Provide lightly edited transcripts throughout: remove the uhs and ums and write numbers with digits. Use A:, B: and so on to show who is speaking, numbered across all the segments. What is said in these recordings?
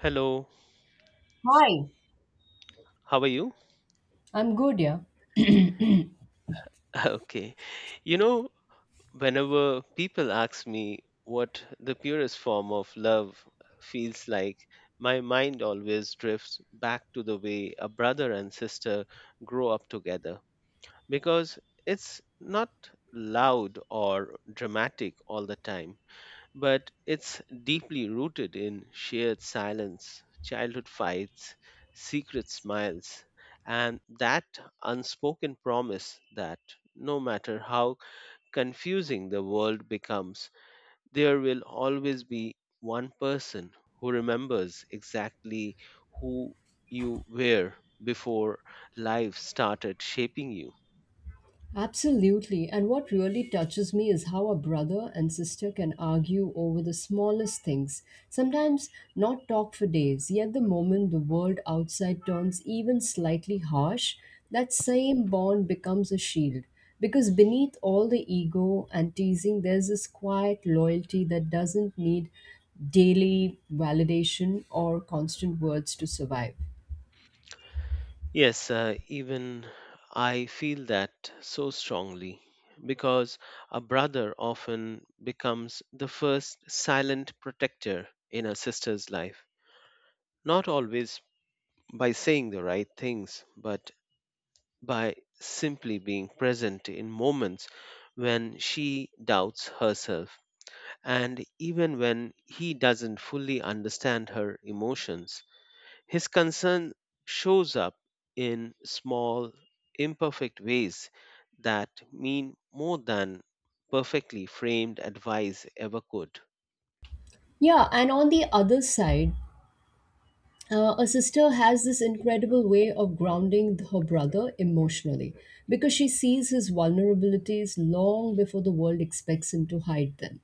A: Hello,
B: Hi,
A: how are you?
B: I'm good, yeah.
A: Okay. You know, whenever people ask me what the purest form of love feels like, my mind always drifts back to the way a brother and sister grow up together because it's not loud or dramatic all the time. But it's deeply rooted in shared silence, childhood fights, secret smiles, and that unspoken promise that no matter how confusing the world becomes, there will always be one person who remembers exactly who you were before life started shaping you.
B: Absolutely. And what really touches me is how a brother and sister can argue over the smallest things, sometimes not talk for days, yet the moment the world outside turns even slightly harsh, that same bond becomes a shield. Because beneath all the ego and teasing, there's this quiet loyalty that doesn't need daily validation or constant words to survive.
A: Yes, even I feel that so strongly because a brother often becomes the first silent protector in a sister's life, not always by saying the right things, but by simply being present in moments when she doubts herself and even when he doesn't fully understand her emotions. His concern shows up in small, imperfect ways that mean more than perfectly framed advice ever could.
B: Yeah, and on the other side, a sister has this incredible way of grounding her brother emotionally because she sees his vulnerabilities long before the world expects him to hide them.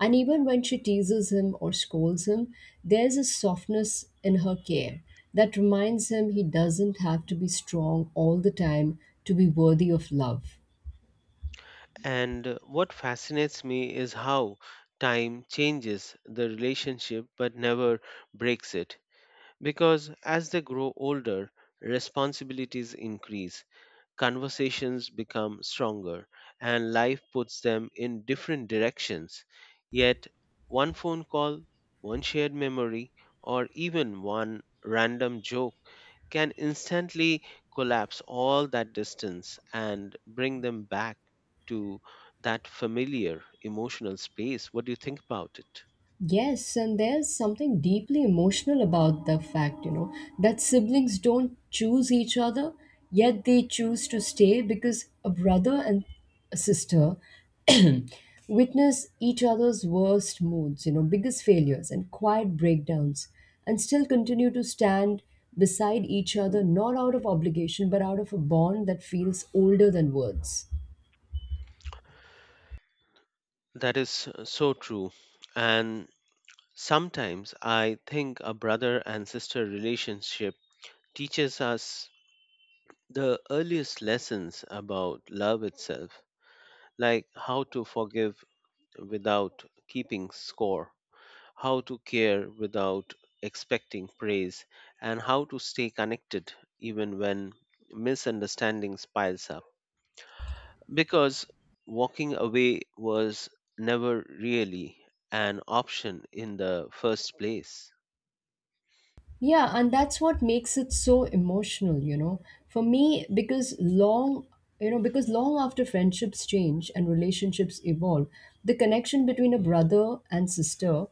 B: And even when she teases him or scolds him, there's a softness in her care that reminds him he doesn't have to be strong all the time to be worthy of love.
A: And what fascinates me is how time changes the relationship but never breaks it. Because as they grow older, responsibilities increase, conversations become stronger, and life puts them in different directions. Yet, one phone call, one shared memory, or even one random joke can instantly collapse all that distance and bring them back to that familiar emotional space. What do you think about it?
B: Yes, and there's something deeply emotional about the fact, you know, that siblings don't choose each other, yet they choose to stay because a brother and a sister witness each other's worst moods, you know, biggest failures and quiet breakdowns, and still continue to stand beside each other, not out of obligation, but out of a bond that feels older than words.
A: That is so true. And sometimes I think a brother and sister relationship teaches us the earliest lessons about love itself, like how to forgive without keeping score, how to care without expecting praise, and how to stay connected even when misunderstandings piles up. Because walking away was never really an option in the first place.
B: Yeah, and that's what makes it so emotional, you know. For me, because long after friendships change and relationships evolve, the connection between a brother and sister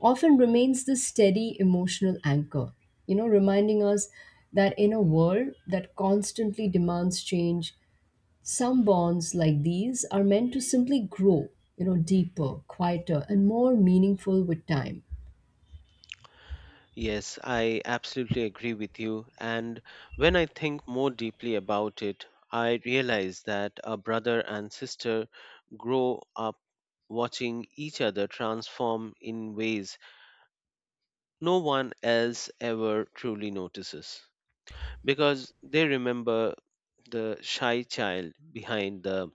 B: often remains this steady emotional anchor, you know, reminding us that in a world that constantly demands change, some bonds like these are meant to simply grow, you know, deeper, quieter, and more meaningful with time.
A: Yes, I absolutely agree with you. And when I think more deeply about it, I realize that a brother and sister grow up watching each other transform in ways no one else ever truly notices because they remember the shy child behind the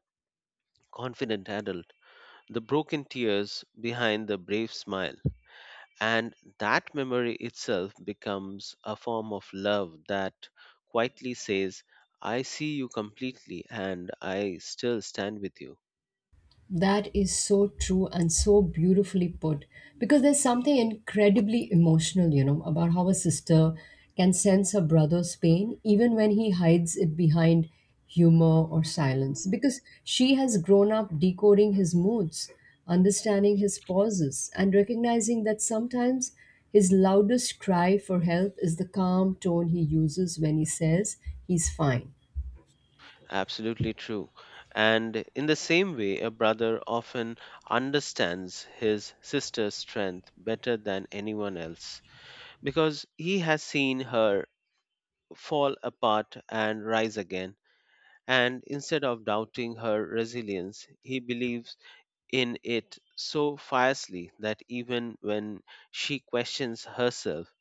A: confident adult, the broken tears behind the brave smile. And that memory itself becomes a form of love that quietly says, I see you completely and I still stand with you.
B: That is so true and so beautifully put because there's something incredibly emotional, you know, about how a sister can sense her brother's pain even when he hides it behind humor or silence because she has grown up decoding his moods, understanding his pauses, and recognizing that sometimes his loudest cry for help is the calm tone he uses when he says he's fine.
A: Absolutely true. And in the same way, a brother often understands his sister's strength better than anyone else because he has seen her fall apart and rise again. And instead of doubting her resilience, he believes in it so fiercely that even when she questions herself,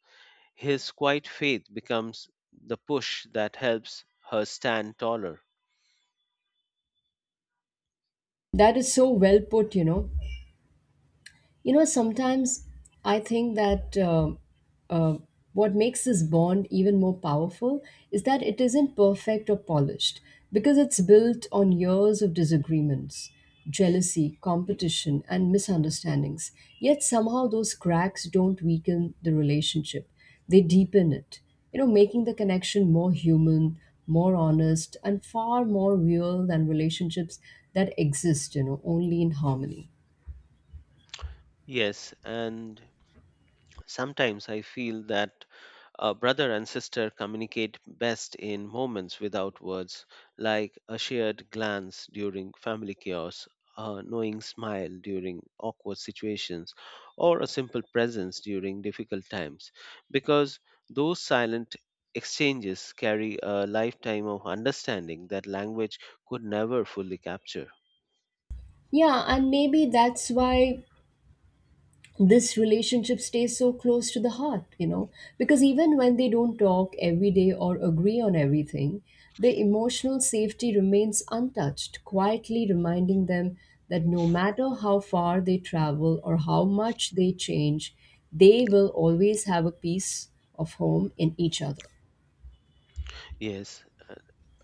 A: his quiet faith becomes the push that helps her stand taller.
B: That is so well put, you know. You know, sometimes I think that uh, what makes this bond even more powerful is that it isn't perfect or polished because it's built on years of disagreements, jealousy, competition, and misunderstandings. Yet somehow those cracks don't weaken the relationship, they deepen it, you know, making the connection more human, more honest, and far more real than relationships that exist, you know, only in harmony.
A: Yes, and sometimes I feel that a brother and sister communicate best in moments without words, like a shared glance during family chaos, a knowing smile during awkward situations, or a simple presence during difficult times, because those silent exchanges carry a lifetime of understanding that language could never fully capture.
B: Yeah, and maybe that's why this relationship stays so close to the heart, you know, because even when they don't talk every day or agree on everything, their emotional safety remains untouched, quietly reminding them that no matter how far they travel or how much they change, they will always have a piece of home in each other.
A: Yes,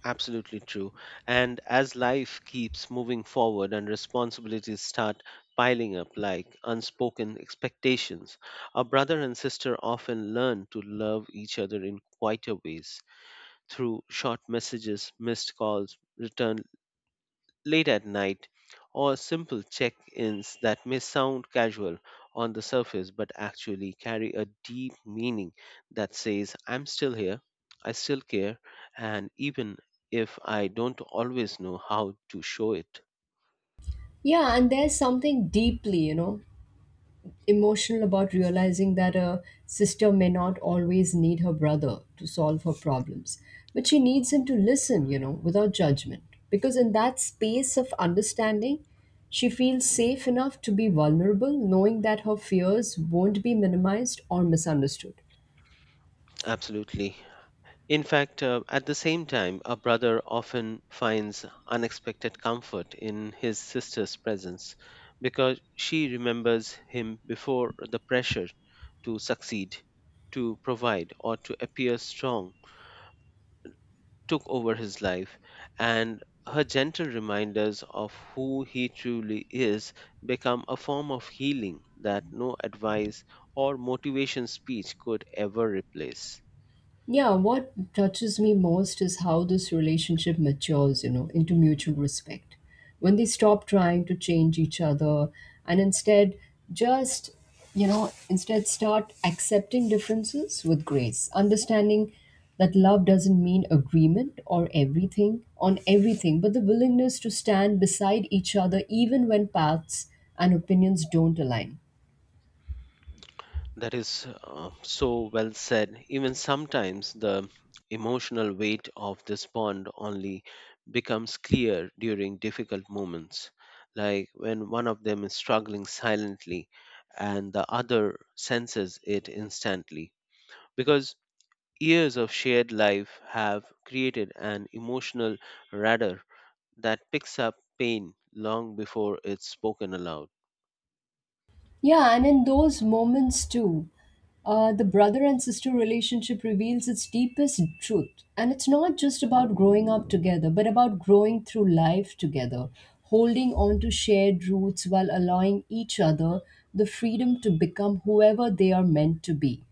A: absolutely true. And as life keeps moving forward and responsibilities start piling up like unspoken expectations, a brother and sister often learn to love each other in quieter ways through short messages, missed calls, return late at night, or simple check ins that may sound casual on the surface but actually carry a deep meaning that says, I'm still here, I still care, and even if I don't always know how to show it.
B: Yeah, and there's something deeply, you know, emotional about realizing that a sister may not always need her brother to solve her problems, but she needs him to listen, you know, without judgment. Because in that space of understanding, she feels safe enough to be vulnerable, knowing that her fears won't be minimized or misunderstood.
A: Absolutely. In fact, at the same time, a brother often finds unexpected comfort in his sister's presence because she remembers him before the pressure to succeed, to provide, or to appear strong took over his life, and her gentle reminders of who he truly is become a form of healing that no advice or motivation speech could ever replace.
B: Yeah, what touches me most is how this relationship matures, you know, into mutual respect. When they stop trying to change each other and instead just, instead start accepting differences with grace, understanding that love doesn't mean agreement or everything on everything, but the willingness to stand beside each other even when paths and opinions don't align.
A: That is so well said. Even sometimes the emotional weight of this bond only becomes clear during difficult moments, like when one of them is struggling silently and the other senses it instantly. Because years of shared life have created an emotional radar that picks up pain long before it's spoken aloud.
B: Yeah, and in those moments too, the brother and sister relationship reveals its deepest truth. And it's not just about growing up together, but about growing through life together, holding on to shared roots while allowing each other the freedom to become whoever they are meant to be.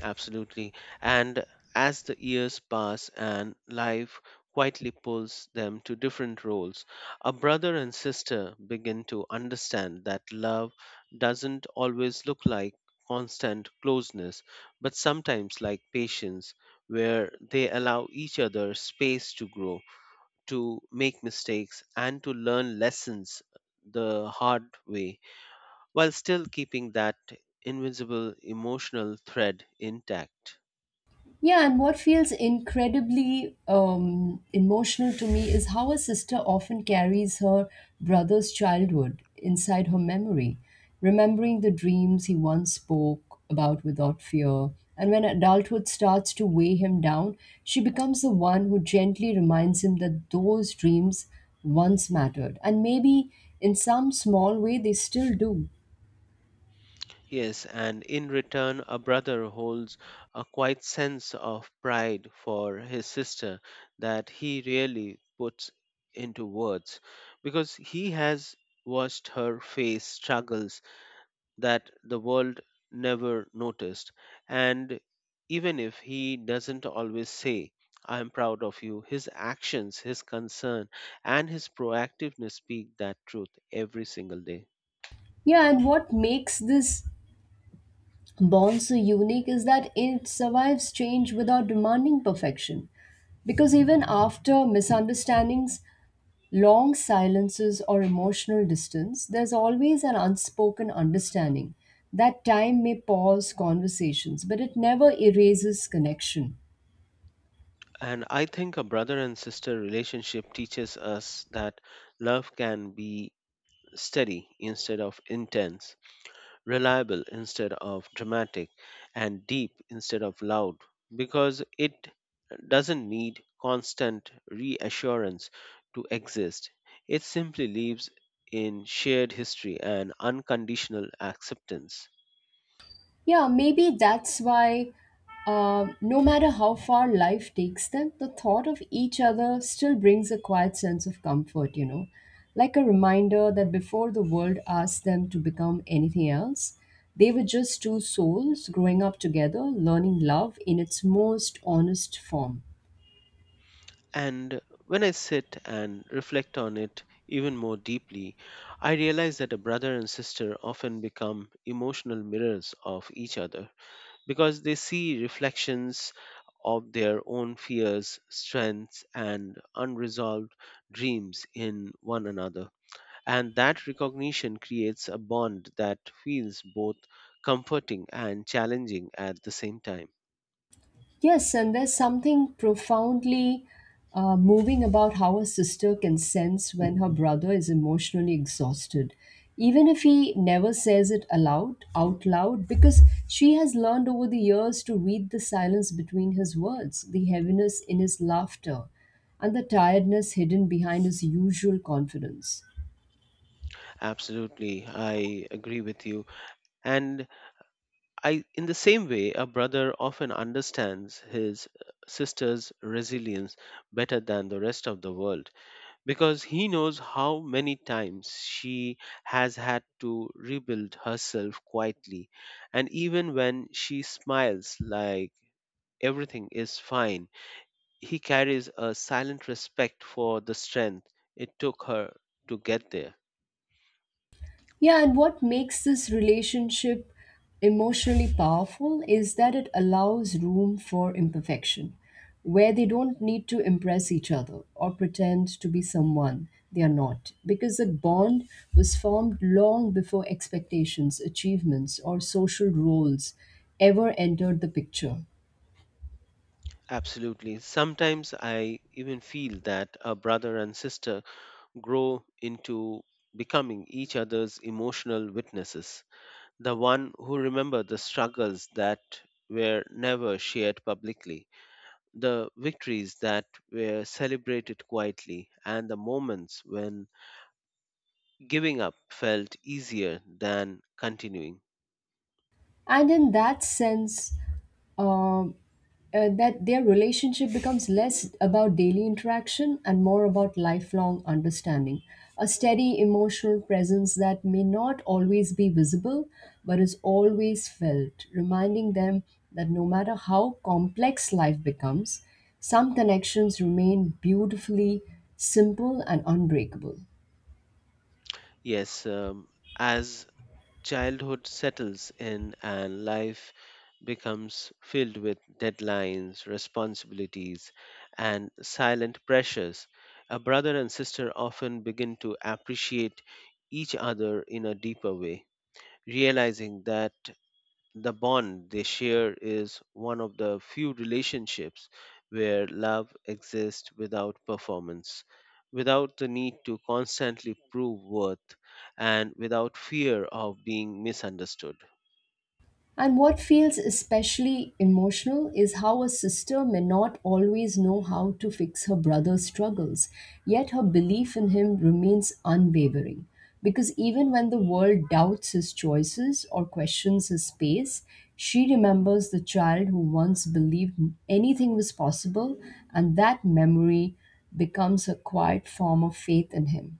A: Absolutely. And as the years pass and life quietly pulls them to different roles, a brother and sister begin to understand that love doesn't always look like constant closeness, but sometimes like patience, where they allow each other space to grow, to make mistakes, and to learn lessons the hard way, while still keeping that invisible emotional thread intact.
B: Yeah, and what feels incredibly emotional to me is how a sister often carries her brother's childhood inside her memory, remembering the dreams he once spoke about without fear. And when adulthood starts to weigh him down, she becomes the one who gently reminds him that those dreams once mattered. And maybe in some small way, they still do.
A: Yes, and in return, a brother holds a quiet sense of pride for his sister that he really puts into words because he has watched her face struggles that the world never noticed. And even if he doesn't always say, I am proud of you, his actions, his concern, and his proactiveness speak that truth every single day.
B: Yeah, and what makes this Born so unique is that it survives change without demanding perfection. Because even after misunderstandings, long silences, or emotional distance, there's always an unspoken understanding. That time may pause conversations, but it never erases connection.
A: And I think a brother and sister relationship teaches us that love can be steady instead of intense, reliable instead of dramatic, and deep instead of loud, because it doesn't need constant reassurance to exist. It simply lives in shared history and unconditional acceptance.
B: Yeah, maybe that's why, no matter how far life takes them, the thought of each other still brings a quiet sense of comfort, you know, like a reminder that before the world asked them to become anything else, they were just two souls growing up together, learning love in its most honest form.
A: And when I sit and reflect on it even more deeply, I realize that a brother and sister often become emotional mirrors of each other because they see reflections of their own fears, strengths, and unresolved dreams in one another. And that recognition creates a bond that feels both comforting and challenging at the same time.
B: Yes, and there's something profoundly moving about how a sister can sense when her brother is emotionally exhausted, even if he never says it aloud, out loud, because she has learned over the years to read the silence between his words, the heaviness in his laughter, and the tiredness hidden behind his usual confidence.
A: Absolutely, I agree with you. And I, in the same way, a brother often understands his sister's resilience better than the rest of the world because he knows how many times she has had to rebuild herself quietly. And even when she smiles like everything is fine, he carries a silent respect for the strength it took her to get there.
B: Yeah, and what makes this relationship emotionally powerful is that it allows room for imperfection, where they don't need to impress each other or pretend to be someone they are not, because the bond was formed long before expectations, achievements, or social roles ever entered the picture.
A: Absolutely. Sometimes I even feel that a brother and sister grow into becoming each other's emotional witnesses, the one who remember the struggles that were never shared publicly, the victories that were celebrated quietly, and the moments when giving up felt easier than continuing.
B: And in that sense um, that their relationship becomes less about daily interaction and more about lifelong understanding, a steady emotional presence that may not always be visible but is always felt, reminding them that no matter how complex life becomes, some connections remain beautifully simple and unbreakable.
A: Yes, as childhood settles in and life becomes filled with deadlines, responsibilities, and silent pressures. A brother and sister often begin to appreciate each other in a deeper way, realizing that the bond they share is one of the few relationships where love exists without performance, without the need to constantly prove worth, and without fear of being misunderstood.
B: And what feels especially emotional is how a sister may not always know how to fix her brother's struggles, yet her belief in him remains unwavering. Because even when the world doubts his choices or questions his pace, she remembers the child who once believed anything was possible, and that memory becomes a quiet form of faith in him.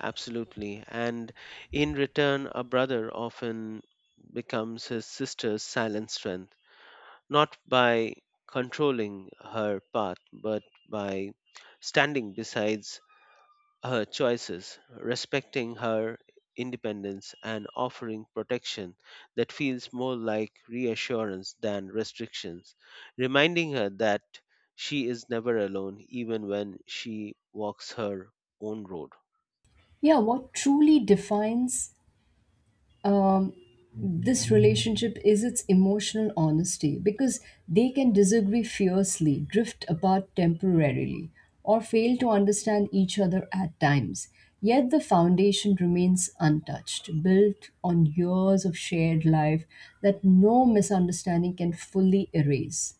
A: Absolutely. And in return, a brother often becomes his sister's silent strength, not by controlling her path, but by standing beside her choices, respecting her independence, and offering protection that feels more like reassurance than restrictions, reminding her that she is never alone even when she walks her own road.
B: Yeah, what truly defines um, this relationship is its emotional honesty because they can disagree fiercely, drift apart temporarily, or fail to understand each other at times. Yet the foundation remains untouched, built on years of shared life that no misunderstanding can fully erase.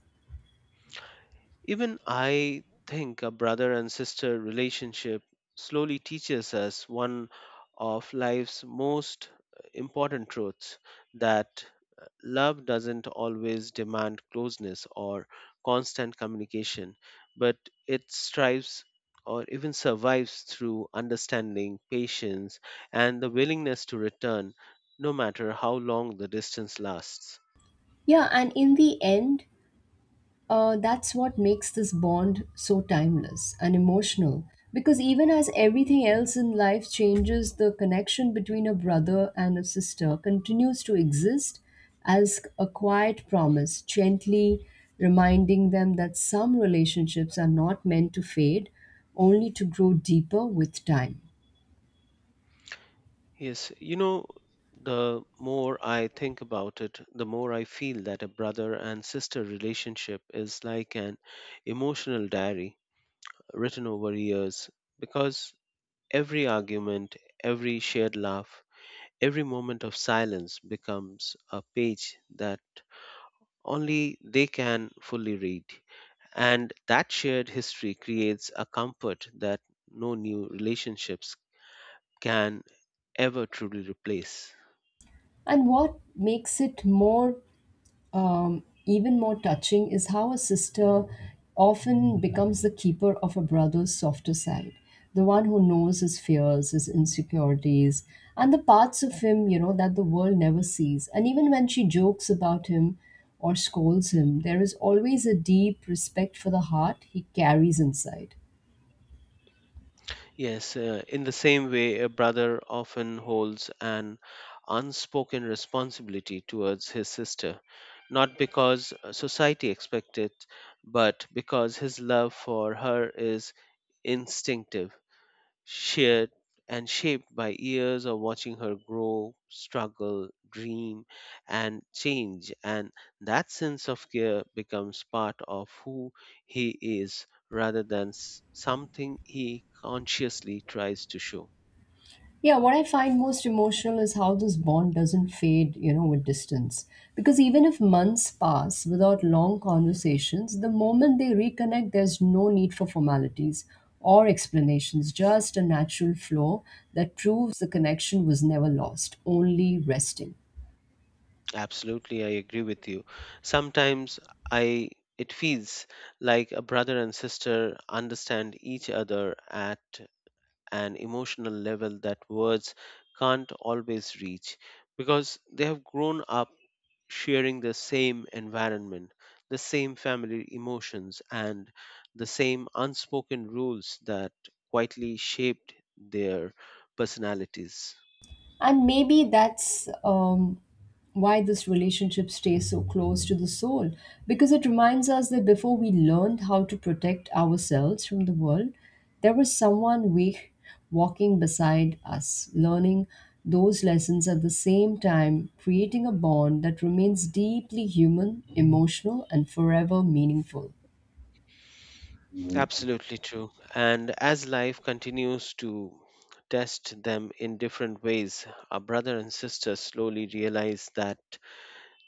A: Even I think a brother and sister relationship slowly teaches us one of life's most important truths that love doesn't always demand closeness or constant communication, but it strives or even survives through understanding, patience, and the willingness to return no matter how long the distance lasts.
B: Yeah, and in the end, that's what makes this bond so timeless and emotional. Because even as everything else in life changes, the connection between a brother and a sister continues to exist as a quiet promise, gently reminding them that some relationships are not meant to fade, only to grow deeper with time.
A: Yes, you know, the more I think about it, the more I feel that a brother and sister relationship is like an emotional diary written over years because every argument, every shared laugh, every moment of silence becomes a page that only they can fully read. And that shared history creates a comfort that no new relationships can ever truly replace.
B: And what makes it more even more touching is how a sister often becomes the keeper of a brother's softer side, the one who knows his fears, his insecurities, and the parts of him, you know, that the world never sees. And even when she jokes about him or scolds him, there is always a deep respect for the heart he carries inside.
A: Yes, in the same way, a brother often holds an unspoken responsibility towards his sister, not because society expects it, but because his love for her is instinctive, shared, and shaped by years of watching her grow, struggle, dream, and change. And that sense of care becomes part of who he is rather than something he consciously tries to show.
B: Yeah, what I find most emotional is how this bond doesn't fade, you know, with distance. Because even if months pass without long conversations, the moment they reconnect, there's no need for formalities or explanations, just a natural flow that proves the connection was never lost, only resting.
A: Absolutely, I agree with you. Sometimes I it feels like a brother and sister understand each other at an emotional level that words can't always reach because they have grown up sharing the same environment, the same family emotions, and the same unspoken rules that quietly shaped their personalities.
B: And maybe that's why this relationship stays so close to the soul, because it reminds us that before we learned how to protect ourselves from the world, there was someone we walking beside us, learning those lessons at the same time, creating a bond that remains deeply human, emotional, and forever meaningful.
A: Absolutely true. And as life continues to test them in different ways, our brother and sister slowly realize that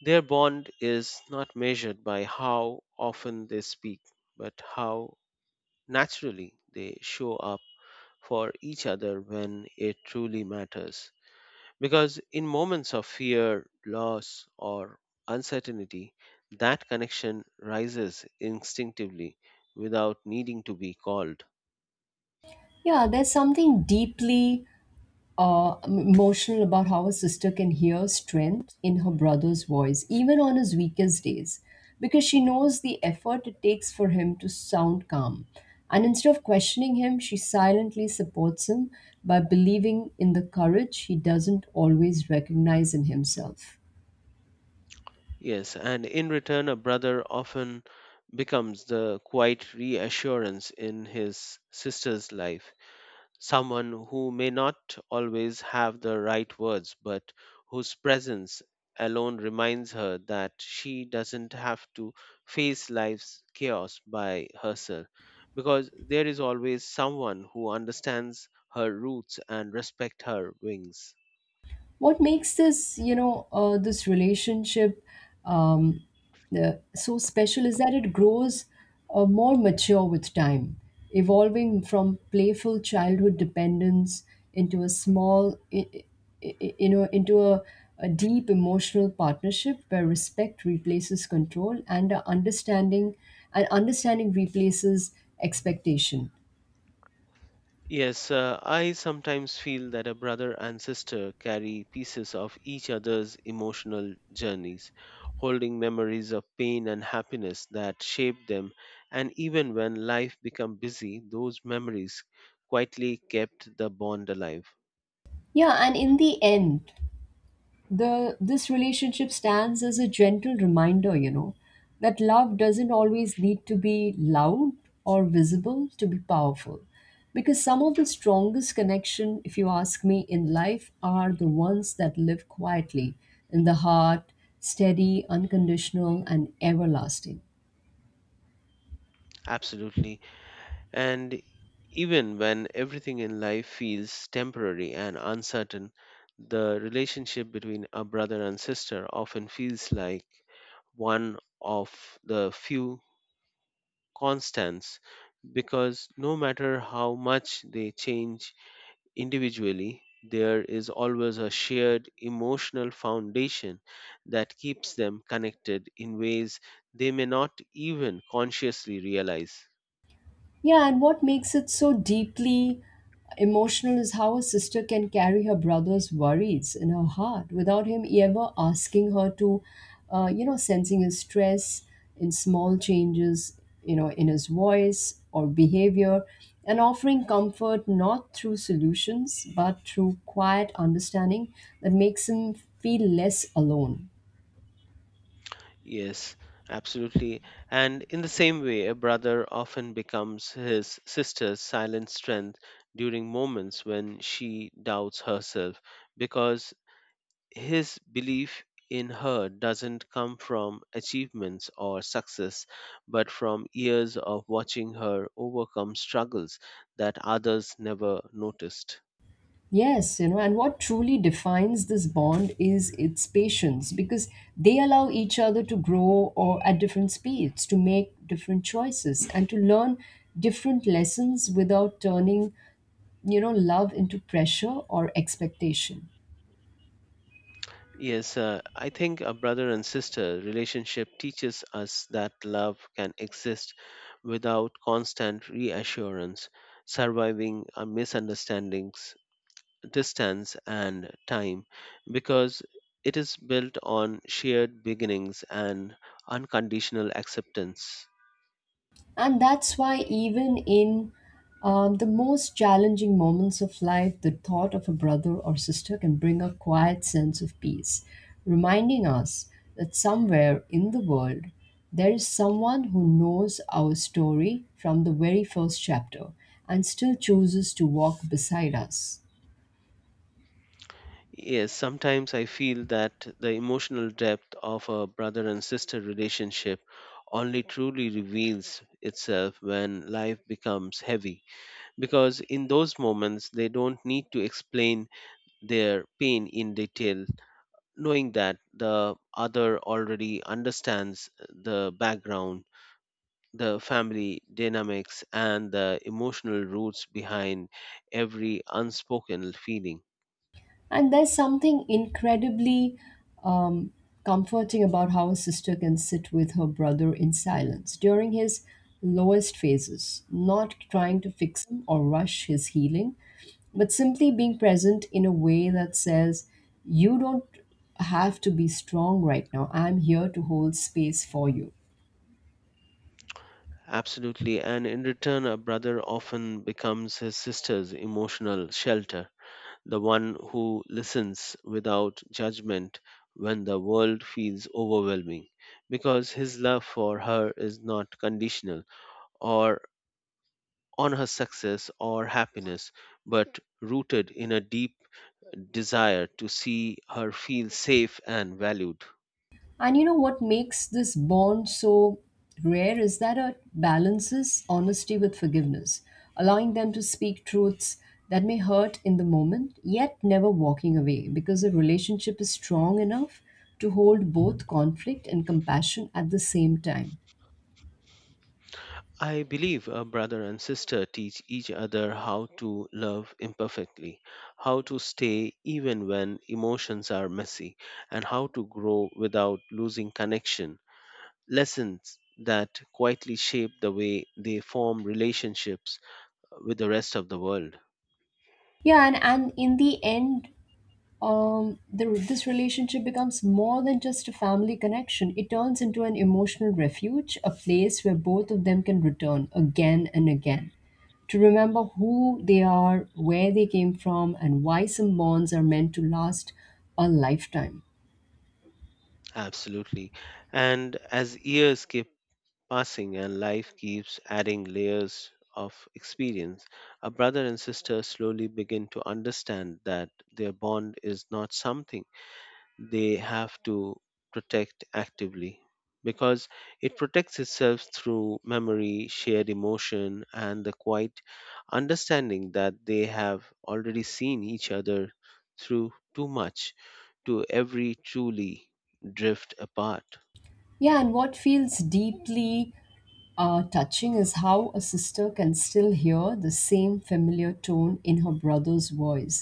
A: their bond is not measured by how often they speak, but how naturally they show up for each other when it truly matters. Because in moments of fear, loss, or uncertainty, that connection rises instinctively without needing to be called.
B: Yeah, there's something deeply emotional about how a sister can hear strength in her brother's voice, even on his weakest days, because she knows the effort it takes for him to sound calm. And instead of questioning him, she silently supports him by believing in the courage he doesn't always recognize in himself.
A: Yes, and in return, a brother often becomes the quiet reassurance in his sister's life, someone who may not always have the right words, but whose presence alone reminds her that she doesn't have to face life's chaos by herself, because there is always someone who understands her roots and respect her wings.
B: What makes this, you know, this relationship um, so special is that it grows more mature with time, evolving from playful childhood dependence into a small i- i- you know into a, a deep emotional partnership where respect replaces control, and understanding replaces expectation.
A: Yes, I sometimes feel that a brother and sister carry pieces of each other's emotional journeys, holding memories of pain and happiness that shaped them. And even when life became busy, those memories quietly kept the bond alive.
B: Yeah, and in the end, the this relationship stands as a gentle reminder, you know, that love doesn't always need to be loud or visible to be powerful, because some of the strongest connection, if you ask me, in life are the ones that live quietly in the heart, steady, unconditional, and everlasting.
A: Absolutely. And even when everything in life feels temporary and uncertain, the relationship between a brother and sister often feels like one of the few constants because no matter how much they change individually, there is always a shared emotional foundation that keeps them connected in ways they may not even consciously realize.
B: Yeah, and what makes it so deeply emotional is how a sister can carry her brother's worries in her heart without him ever asking her to, you know, sensing his stress in small changes, you know, in his voice or behavior, and offering comfort not through solutions but through quiet understanding that makes him feel less alone.
A: Yes, absolutely. And in the same way, a brother often becomes his sister's silent strength during moments when she doubts herself because his belief in her doesn't come from achievements or success, but from years of watching her overcome struggles that others never noticed.
B: Yes, you know, and what truly defines this bond is its patience because they allow each other to grow or at different speeds, to make different choices and to learn different lessons without turning, you know, love into pressure or expectation.
A: Yes, I think a brother and sister relationship teaches us that love can exist without constant reassurance, surviving misunderstandings, distance, and time, because it is built on shared beginnings and unconditional acceptance.
B: And that's why, even in the most challenging moments of life, the thought of a brother or sister can bring a quiet sense of peace, reminding us that somewhere in the world there is someone who knows our story from the very first chapter and still chooses to walk beside us.
A: Yes, sometimes I feel that the emotional depth of a brother and sister relationship only truly reveals itself when life becomes heavy, because in those moments they don't need to explain their pain in detail, knowing that the other already understands the background, the family dynamics, and the emotional roots behind every unspoken feeling.
B: And there's something incredibly um, comforting about how a sister can sit with her brother in silence during his lowest phases, not trying to fix him or rush his healing, but simply being present in a way that says, "You don't have to be strong right now. I'm here to hold space for you."
A: Absolutely, and in return, a brother often becomes his sister's emotional shelter, the one who listens without judgment when the world feels overwhelming, because his love for her is not conditional or on her success or happiness, but rooted in a deep desire to see her feel safe and valued.
B: And you know what makes this bond so rare is that it balances honesty with forgiveness, allowing them to speak truths that may hurt in the moment, yet never walking away, because a relationship is strong enough to hold both conflict and compassion at the same time.
A: I believe a brother and sister teach each other how to love imperfectly, how to stay even when emotions are messy, and how to grow without losing connection. Lessons that quietly shape the way they form relationships with the rest of the world.
B: Yeah, and in the end, this relationship becomes more than just a family connection. It turns into an emotional refuge, a place where both of them can return again and again to remember who they are, where they came from, and why some bonds are meant to last a lifetime.
A: Absolutely. And as years keep passing and life keeps adding layers of experience, a brother and sister slowly begin to understand that their bond is not something they have to protect actively because it protects itself through memory, shared emotion, and the quiet understanding that they have already seen each other through too much to every truly drift apart.
B: Yeah, and what feels deeply touching is how a sister can still hear the same familiar tone in her brother's voice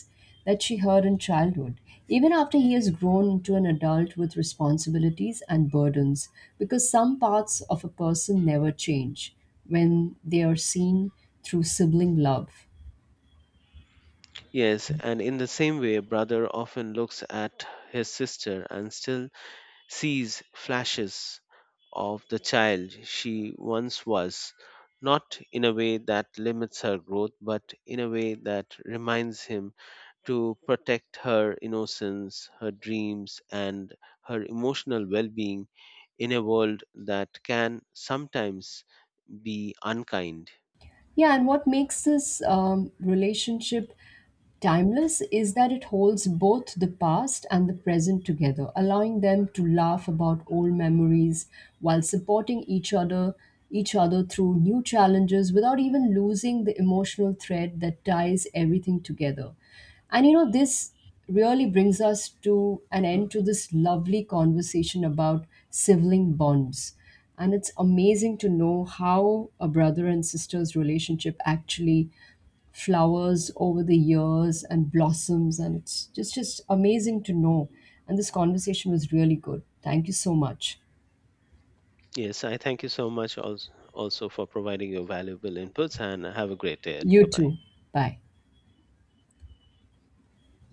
B: that she heard in childhood, even after he has grown into an adult with responsibilities and burdens, because some parts of a person never change when they are seen through sibling love.
A: Yes, and in the same way, brother often looks at his sister and still sees flashes of the child she once was, not in a way that limits her growth, but in a way that reminds him to protect her innocence, her dreams, and her emotional well being in a world that can sometimes be unkind.
B: Yeah, and what makes this relationship timeless is that it holds both the past and the present together, allowing them to laugh about old memories while supporting each other through new challenges without even losing the emotional thread that ties everything together. And you know, this really brings us to an end to this lovely conversation about sibling bonds, and it's amazing to know how a brother and sister's relationship actually flowers over the years and blossoms, and it's just amazing to know. And this conversation was really good. Thank you so much.
A: Yes, I thank you so much also for providing your valuable inputs and have a great day.
B: You
A: Bye bye.
B: too. Bye.